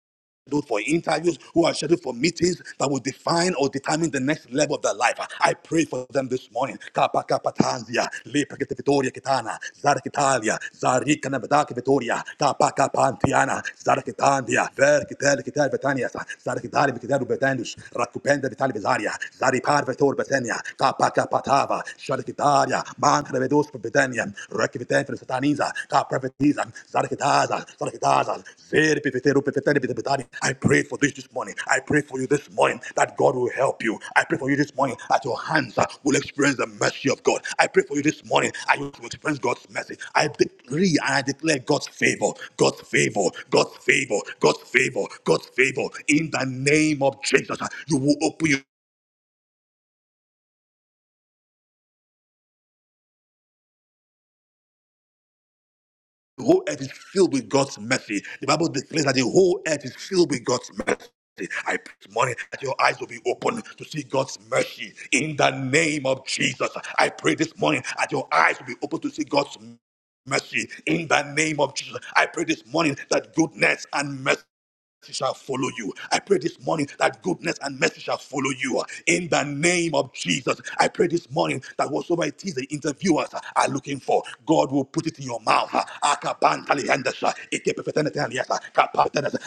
B: scheduled for interviews, who are scheduled for meetings that will define or determine the next level of their life. I pray for them this morning. Kappa kappa tanzia, lepa kete Victoria kitana, zara kitalia, zari kana vedaki Victoria, kappa kappa antiana, zara kitandia, ver kitel kitel betania, zara kitali kitel betanius, rakupenda vitali bezaria, zari par vetor betania, kappa kappa tava, shara kitalia, man kana vedos betania, Rakipitef, Sataniza, Ka Prophetisa, Sarkitaza, Sarkitaza, Zeri Pifiteru Pifitani Pifitani. I pray for this this morning. I pray for you this morning that God will help you. I pray for you this morning that your hands uh, will experience the mercy of God. I pray for you this morning that you will experience God's mercy. I decree and I declare God's favor, God's favor, God's favor, God's favor, God's favor. In the name of Jesus, uh, you will open your The whole earth is filled with God's mercy. The Bible declares that the whole earth is filled with God's mercy. I pray this morning that your eyes will be open to see God's mercy in the name of Jesus. I pray this morning that your eyes will be open to see God's mercy in the name of Jesus. I pray this morning that goodness and mercy shall follow you. I pray this morning that goodness and mercy shall follow you in the name of Jesus. I pray this morning that whatsoever it is the interviewers are looking for, God will put it in your mouth. Akabantali hendesa, ikepefeteneteni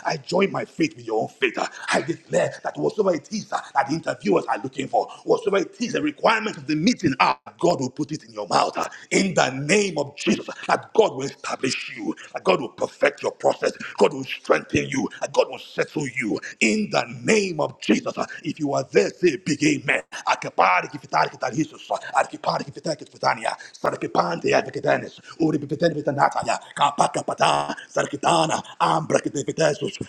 B: I join my faith with your own faith. I declare that whatsoever it is that the interviewers are looking for, whatsoever it is the requirements of the meeting are, God will put it in your in your mouth. uh, In the name of Jesus, that God will establish you, that God will perfect your process, God will strengthen you, that God will settle you. In the name of Jesus, uh, if you are there, say a big amen. Akipari kifitari kitari Jesus, uh, akipari kifitari kifitania, sarikipante ya vikitenis, uribipiteni vitanata ya, kapaka pata, sarikitana, ambra kite vitesus,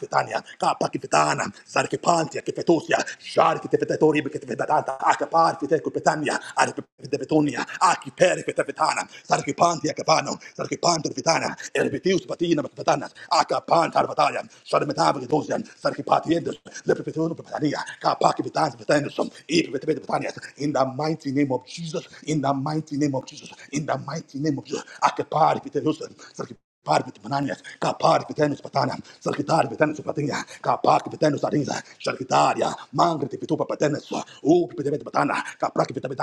B: vitania kapa kifetana sarkipantia kifetosia shari kitefetatori kitefetata akapar fitekupetania arpetetonia akipere fetafetana sarkipantia kapano sarkipantia fetana erbitius patina patana akapan tarvataya sharmetava ketosia sarkipatiendos lepetetono patania kapa kifetana fetanusum ipetepetania in the mighty name of Jesus in the mighty name of Jesus in the mighty name of Jesus akapar fetenosa Parque Betânia, cá Parque Betânia, Betânia, Salquitária Betânia, Betânia, cá Parque Betânia, Sarinha, Salquitária, Mangre de Pitupa Betânia, Up de Betânia, cá Parque Betânia,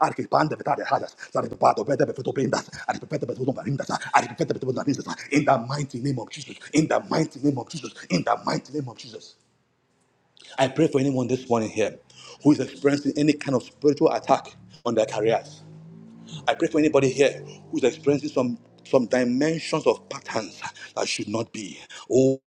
B: Arquipanda Betânia, Rajas, Saripado, Beta Betuto Brindas, Arquipeta Betuto Barindas, Arquipeta Betuto Barindas, in the mighty name of Jesus, in the mighty name of Jesus, in the mighty name of Jesus. I pray for anyone this morning here who is experiencing any kind of spiritual attack on their careers. I pray for anybody here who's experiencing some some dimensions of patterns that should not be. Oh,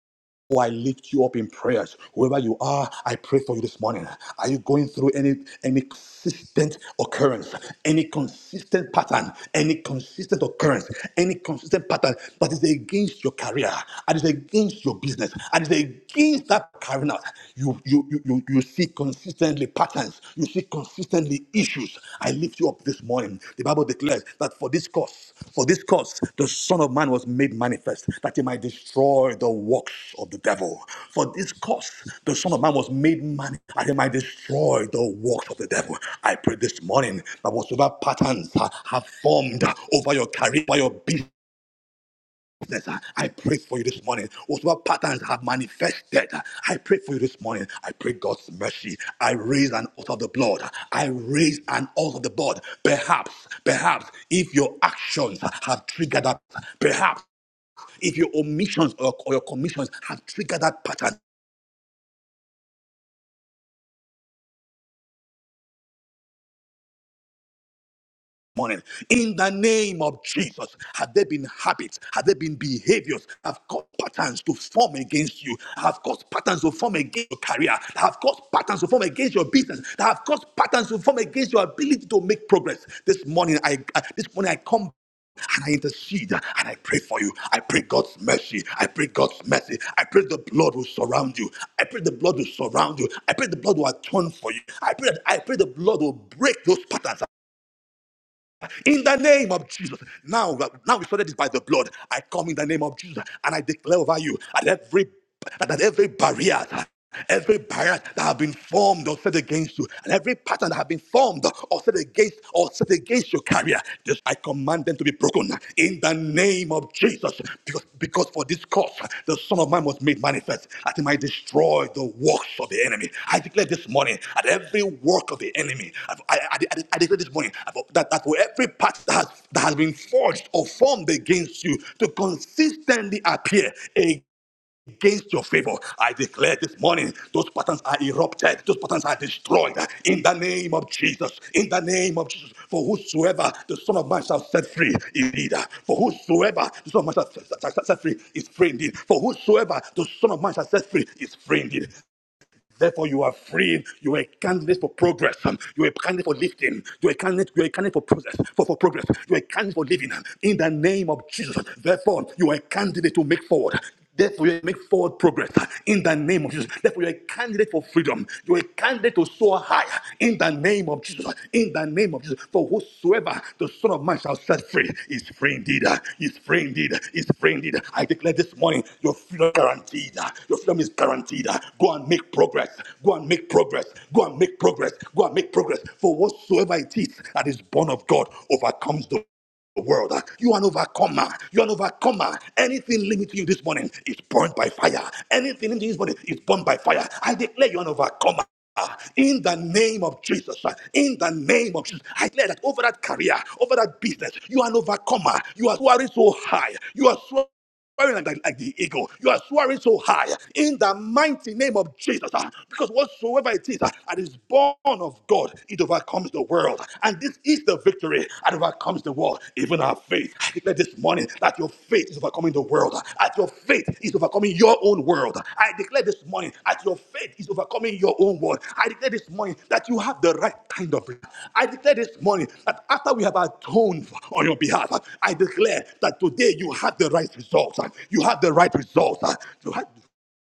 B: Oh, I lift you up in prayers. Whoever you are, I pray for you this morning. Are you going through any any consistent occurrence, any consistent pattern, any consistent occurrence, any consistent pattern that is against your career, and is against your business, and is against that carrying out? You you you you, you see consistently patterns. You see consistently issues, I lift you up this morning. The Bible declares that for this cause, for this cause, the Son of Man was made manifest, that he might destroy the works of the devil. For this cause, the Son of Man was made manifest, that he might destroy the works of the devil. I pray this morning that whatsoever patterns uh, have formed over your career, over your business, sickness, uh, I pray for you this morning. Whatever patterns have manifested, uh, I pray for you this morning. I pray God's mercy. I raise an altar of the blood. I raise an altar of the blood. Perhaps, perhaps, if your actions have triggered that, perhaps if your omissions or, or your commissions have triggered that pattern, morning in the name of Jesus. Have there been habits? Have there been behaviors? that Have caused patterns to form against you? that Have caused patterns to form against your career? that Have caused patterns to form against your business? That Have caused patterns to form against your ability to make progress? This morning, I I- this morning I come and I intercede and I pray for you. I pray God's mercy. I pray God's mercy. I pray the blood will surround you. I pray the blood will surround you. I pray the blood will atone for you. I pray that I pray the blood will break those patterns. In the name of Jesus. Now, now we started this by the blood. I come in the name of Jesus and I declare over you at every that every barrier every barrier that have been formed or set against you, and every pattern that have been formed or set against or set against your career, just I command them to be broken in the name name of Jesus. Because, because for this cause, the Son of Man was made manifest, that he might destroy the works of the enemy. I declare this morning at every work of the enemy, I, I, I- I declare this morning that, that for every part that has, that has been forged or formed against you to consistently appear against your favor. I declare this morning, those patterns are erupted, those patterns are destroyed in the name of Jesus. In the name of Jesus, for whosoever the Son of Man shall set free, is indeed. For whosoever the Son of Man shall shall- shall set free is free indeed. For whosoever the Son of Man shall set free is free indeed. Therefore, you are free. You are a candidate for progress. You are a candidate for lifting. You are a candidate, you are a candidate for progress. For, for progress. You are a candidate for living. In the name of Jesus. Therefore, you are a candidate to make forward. Therefore, you make forward progress in the name of Jesus. Therefore, you're a candidate for freedom. You're a candidate to soar higher in the name of Jesus. In the name of Jesus. For whosoever the Son of Man shall set free is free indeed. Is free indeed. Is free indeed. I declare this morning your freedom is guaranteed. Your freedom is guaranteed. Go. Go and make progress. Go and make progress. Go and make progress. Go and make progress. For whatsoever it is that is born of God overcomes the world. You are an overcomer. You are an overcomer. Anything limiting you this morning is burned by fire. Anything in this morning is burned by fire. I declare you are an overcomer. In the name of Jesus, in the name of Jesus, I declare that over that career, over that business, you are an overcomer. You are soaring so high. You are so. Swearing like, like, like the eagle. You are swearing so high in the mighty name of Jesus. ah, Because whatsoever it is ah, that is born of God, it overcomes the world. And this is the victory that overcomes the world, even our faith. I declare this morning that your faith is overcoming the world. ah, That your faith faith is overcoming your own world. I declare this morning that your faith is overcoming your own world. I declare this morning that you have the right kind of life. I declare this morning that after we have atoned on your behalf, I declare that today you have the right results. You have the right results. You have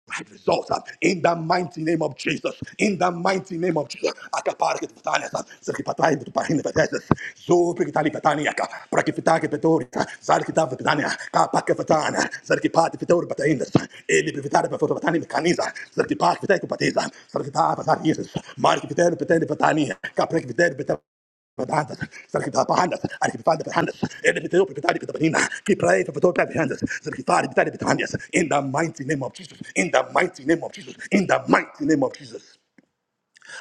B: right uh, in the mighty name of Jesus. In the mighty name of Jesus. Acapara que tu batalhas, uh, se que batalha tu parrina vedetas, zo que tali batania, para que fitake petorica, zar patania, tava petania, capa que fatana, zar que pati fitor batainas, ele privitare para foto batani mecaniza, zar que pak fitake patiza, zar que tava zar Jesus, mar que fitere petene batania, capra que fitere behind us, Sarkita behind us, and if find behind us, and if you pretend to be keep praying for the behind us, Sarkita pretend behind us, in the mighty name of Jesus, in the mighty name of Jesus, in the mighty name of Jesus.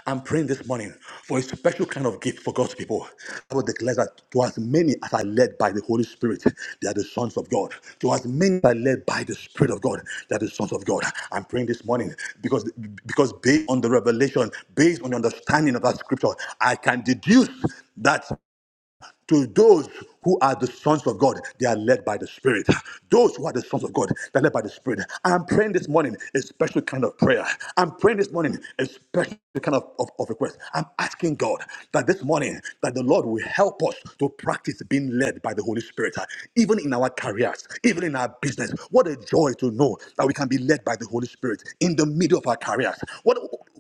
B: I'm praying this morning for a special kind of gift for God's people. I will declare that to as many as are led by the Holy Spirit, they are the sons of God. To as many as are led by the Spirit of God, they are the sons of God. I'm praying this morning because because based on the revelation, based on the understanding of that scripture, I can deduce that to those who are the sons of God, they are led by the Spirit. Those who are the sons of God, they are led by the Spirit. I'm praying this morning a special kind of prayer. I'm praying this morning a special kind of, of, of request. I'm asking God that this morning that the Lord will help us to practice being led by the Holy Spirit, uh, even in our careers, even in our business. What a joy to know that we can be led by the Holy Spirit in the middle of our careers. What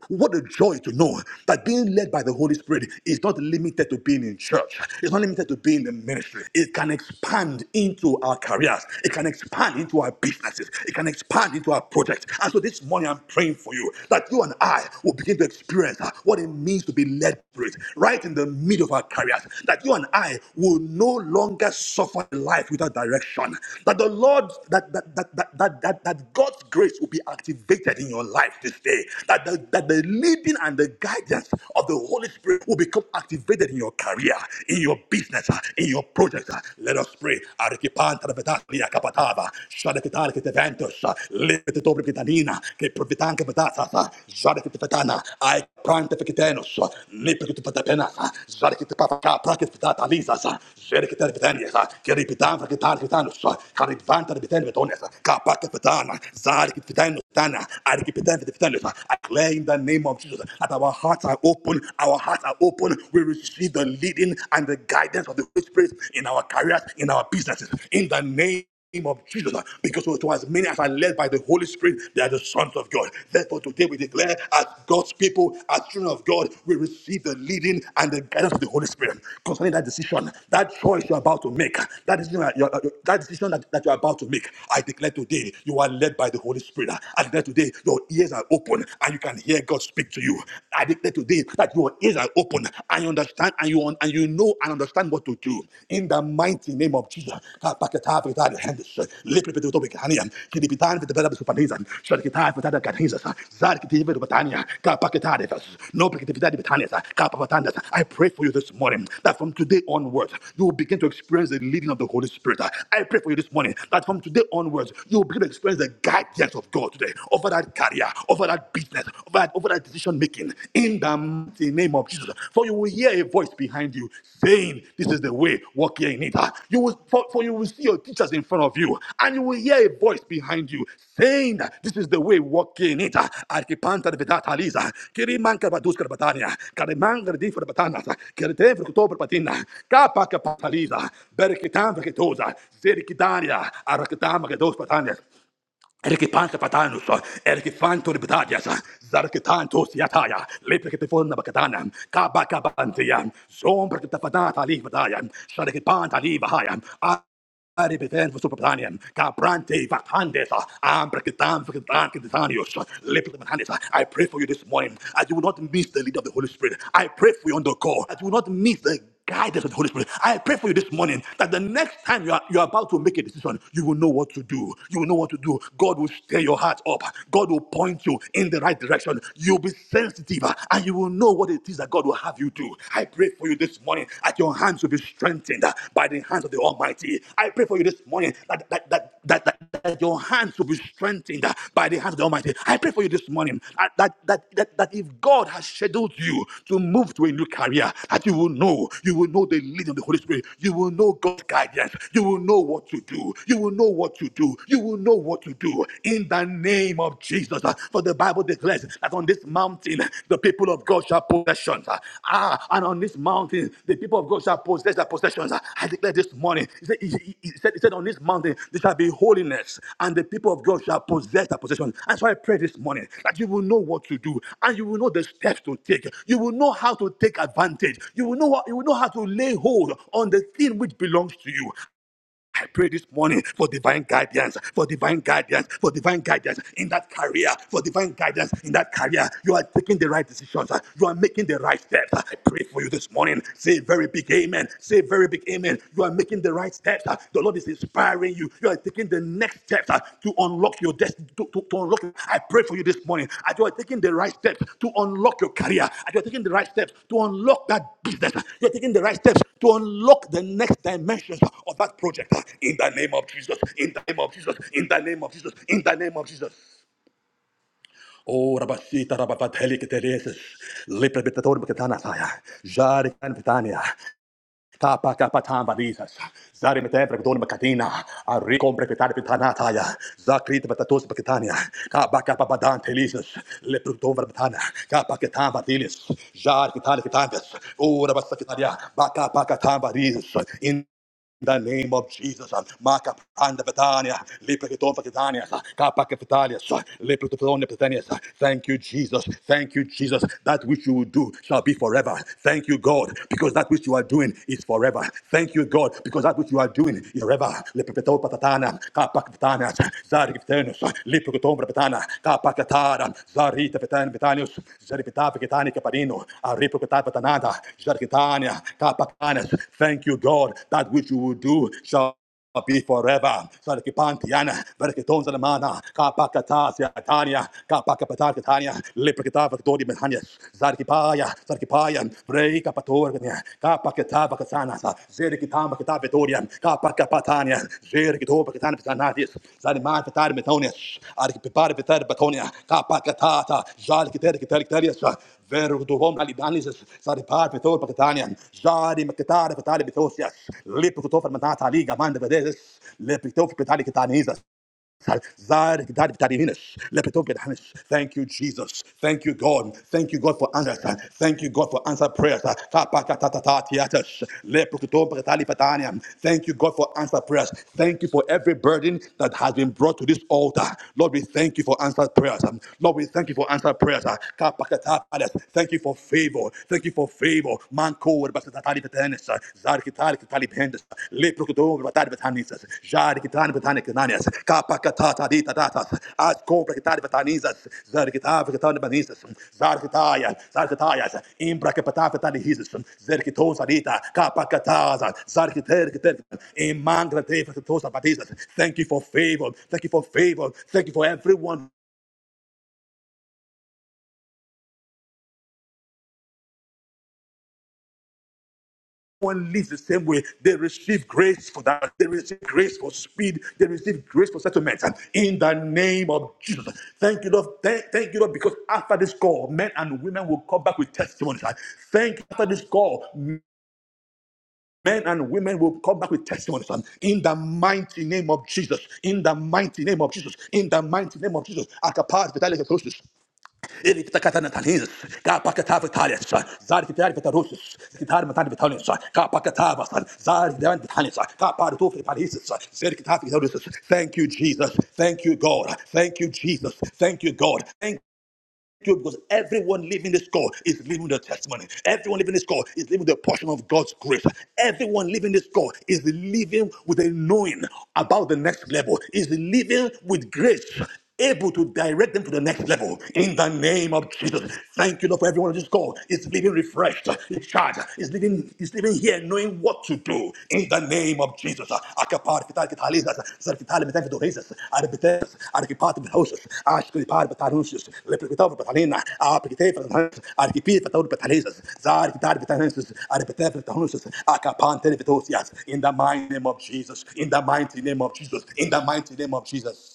B: what a joy to know that being led by the Holy Spirit is not limited to being in church. It's not limited to being in the ministry. It can expand into our careers. It can expand into our businesses. It can expand into our projects. And so this morning I'm praying for you that you and I will begin to experience uh, what it means to be led through it right in the middle of our careers. That you and I will no longer suffer life without direction. That the Lord, that that that that that, that, that God's grace will be activated in your life this day pray that the, that the leading and the guidance of the Holy Spirit will become activated in your career, in your business, uh, in your project. uh. Let us pray. Arikipanta da betania kapatava, shadekitari kiteventus, uh, lipetetopri kitanina, keprovitanke petatas, uh, zadekitepetana, aikprantefikitenus, uh, lipekitupetepenas, uh, zadekitepapakaprakitpetatalisas, uh, zedekiterpitenias, uh, keripitanfrakitarkitanus, uh, karipvantarpitenvetonias, uh, kapakepetana, zadekitpitenus, I declare in the name of Jesus that our hearts are open, our hearts are open. We receive the leading and the guidance of the Holy Spirit in our careers, in our businesses, in the name name of Jesus, because to as many as are led by the Holy Spirit, they are the sons of God. Therefore, today we declare, as God's people, as children of God, we receive the leading and the guidance of the Holy Spirit concerning that decision, that choice you're about to make, that decision, that, you're- that, decision that, that you're about to make. I declare today, you are led by the Holy Spirit. I declare today your ears are open and you can hear God speak to you. I declare today that your ears are open and you understand and you un- and you know and understand what to do. In the mighty name of Jesus. Kapaketa fetade hendes. Leplepete utobe kehania. Kidipitane fetebele besupaneza. Shadiketane fetade kanhezes. Zarikete fetebele betania. Kapaketade fes. Nopekete fetade Kapapatandas. I pray for you this morning that from today onwards you will begin to experience the leading of the Holy Spirit. I pray for you this morning that from today onwards you will begin to experience the guidance ideas of God today, over that career, over that business, over that, over that decision making, in the mighty name of Jesus. For you will hear a voice behind you saying, This is the way, walk here in it. Ah, You will, for, for you will see your teachers in front of you, and you will hear a voice behind you saying, that This is the way, walk in it. Ah, Arkipanta de Vedat Aliza, Kiriman Kabadus Karbatania, Kariman Gardi for Batanas, Kirte for Kotober Patina, Kapa Kapataliza, Berkitan Veketosa, Zerikitania, Arakatam Gados Patania. Erkitan kapatanus, erkitan turbidadias, zarkitan tusiataya, leprekitefon bakatana, kabakabantia, zombrekitapadata livadaya, sharikipanta livahaya, Aribetan for Superpatanian, Cabrante Vatandesa, Ambrakitan for Kitanius, Lipitanesa. I pray for you this morning. I do not miss the lead of the Holy Spirit. I pray for you on the call. I do not miss the guide us with the Holy Spirit. I pray for you this morning that the next time you are, you are about to make a decision, you will know what to do. You will know what to do. God will stir your heart up. God will point you in the right direction. You'll be sensitive uh, and you will know what it is that God will have you do. I pray for you this morning that your hands will be strengthened uh, by the hands of the Almighty. I pray for you this morning that, that, that, that, that, that your that your hands will be strengthened uh, by the hand of the Almighty. I pray for you this morning uh, that, that, that, that if God has scheduled you to move to a new career, that you will know, you will know the leading of the Holy Spirit, you will know God's guidance, you will know what to do, you will know what to do, you will know what to do in the name of Jesus. Uh, For the Bible declares that on this mountain, the people of God God shall possessions. ah, ah, and on this mountain, the people of God shall possess their possessions. ah. I declare this morning, he said, he, he- he said, he said on this mountain, there shall be holiness, and the people of God shall possess their possessions. And so I pray this morning that you will know what to do, and you will know the steps to take. You will know how to take advantage. You will know, what, you will know how to lay hold on the thing which belongs to you. I pray this morning for divine guidance, for divine guidance, for divine guidance in that career, for divine guidance in that career. You are taking the right decisions. uh, You are making the right steps. I pray for you this morning. Say a very big amen. Say a very big amen. You are making the right steps. uh, The Lord is inspiring you. You are taking the next steps uh, to unlock your destiny. To, to, to unlock, I pray for you this morning. As you are taking the right steps to unlock your career, as you are taking the right steps to unlock that business, uh, you are taking the right steps to unlock the next dimensions uh, of that project. uh, In the name of Jesus, in the name of Jesus, in the name of Jesus, in the name of Jesus. Oh, Rabashita, Rababat, Helik, Teresis, Lipra, Bitator, Bikatana, Saya, Jari, and Vitania. Tapatapatambadizas. Zari metem prekdon makatina. Arikom prekvetari pitanataya. Zakrit metatos pakitania. Kabaka pabadan telisas. Leprukdon verbatana. Kapaketam badilis. Jar kitani kitandas. Ura basakitaria. Baka in. In the name of Jesus, Maka Panda Betania, Lipiton Petania, Kappa Capitalia, Lipiton Petania. Thank you, Jesus. Thank you, Jesus. That which you will do shall be forever. Thank you, God, because that which you are doing is forever. Thank you, God, because that which you are doing is forever. Lipiton Patatana, Kappa Capitana, Zari Capitanos, Lipiton Petana, Ka zarita vetan vetanius, zaripita vegetani caparino, aripocata vetanada, zarkitania, ka Thank you, God, that which you will do shall be forever. Sarkipantiana, Verkiton Salamana, Kapakatasia, Tania, Kapakapatar Lipakata Victoria Mehanias, Zarkipaya, Zarkipaya, Vrei Kapaketabacatanasa, Zerikitambacatavitorian, Kapakapatania, Zerikitobacatanatis, Zanimantatarmetonius, Arkiparvitarpatonia, Kapakatata, Jalkitericarius, Veruduvom Alidanis, Sariparvitorpacatanian, Jari Macatari Patari Bitosias, Liputofermatata Liga Mandavedes, Lipitopitalicatanisa, Zad- Dad- Dadinus, Lepetov Gedhanus. Thank you, Jesus. Thank you, God. Thank you, God, for answers. Thank you, God, for answered prayers. Kapakatatatiatus, Leprokutom Bretali Pataniam. Thank you, God, for answered prayers. Thank you for every burden that has been brought to this altar. Lord, we thank you for answered prayers. Lord, we thank you for answered prayers. Thank you for favor. Thank you for favor. Thank you for favor. Thank you for favor. Thank you for everyone one lives the same way. They receive grace for that. They receive grace for speed. They receive grace for settlement. And in the name of Jesus, thank you, Lord. Thank, thank you, Lord, because after this call, men and women will come back with testimonies. I Thank you after this call. Men and women will come back with testimonies um, in the mighty name of Jesus. In the mighty name of Jesus. In the mighty name of Jesus. Akapas, Erikita katana tanis, ka pakatava talis, zar kitari vitarusis, kitar vitalis, ka Thank you, Jesus. Thank you, God. Thank you, Jesus. Thank you, God. Thank you because everyone living this call is living the testimony. Everyone living this call is living the portion of God's grace. Everyone living this call is living with a knowing about the next level, is living with grace. Able to direct them to the next level in the name of Jesus. Thank you, Lord, for everyone on this call. It's living refreshed, it's charged, it's living, it's living here knowing what to do in the name of Jesus. Akapar, kitar, kitalizas, sar, metan, kitorezas, arbites, arkipar, Acho que pare para anúncios, leprequitava para talina, a pequitei para anúncios, a pequitei para tauri para talisas, zar que tar para anúncios, a pequitei para anúncios, a capante de vitocias. In the mighty name of Jesus, in the mighty name of Jesus, in the mighty name of Jesus.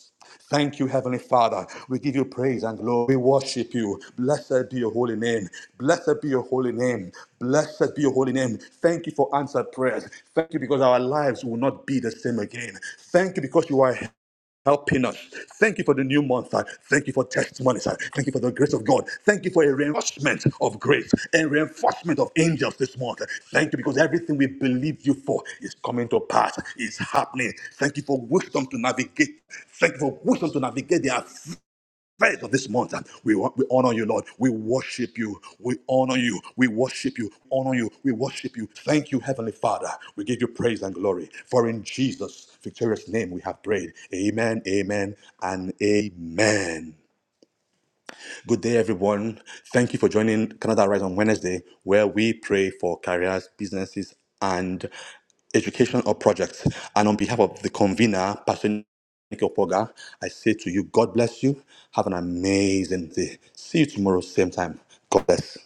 B: Thank you, Heavenly Father. We give you praise and glory. We worship you. Blessed be your holy name. Blessed be your holy name. Blessed be your holy name. Thank you for answered prayers. Thank you because our lives will not be the same again. Thank you because you are helping us. Thank you for the new month. sir. Thank you for testimonies. sir. Thank you for the grace of God. Thank you for a reinforcement of grace and reinforcement of angels this month. Thank you because everything we believe you for is coming to pass, is happening. Thank you for wisdom to navigate. Thank you for wisdom to navigate the affairs first of this month, uh, we, we honor you, Lord. We worship you. We honor you. We worship you. Honor you. We worship you. Thank you, Heavenly Father. We give you praise and glory. For in Jesus' victorious name we have prayed. Amen, amen, and amen. Good day, everyone. Thank you for joining Canada Rise on Wednesday, where we pray for careers, businesses, and education or projects. And on behalf of the convener, Pastor Nico Poga, I say to you, God bless you. Have an amazing day. See you tomorrow, same time. God bless.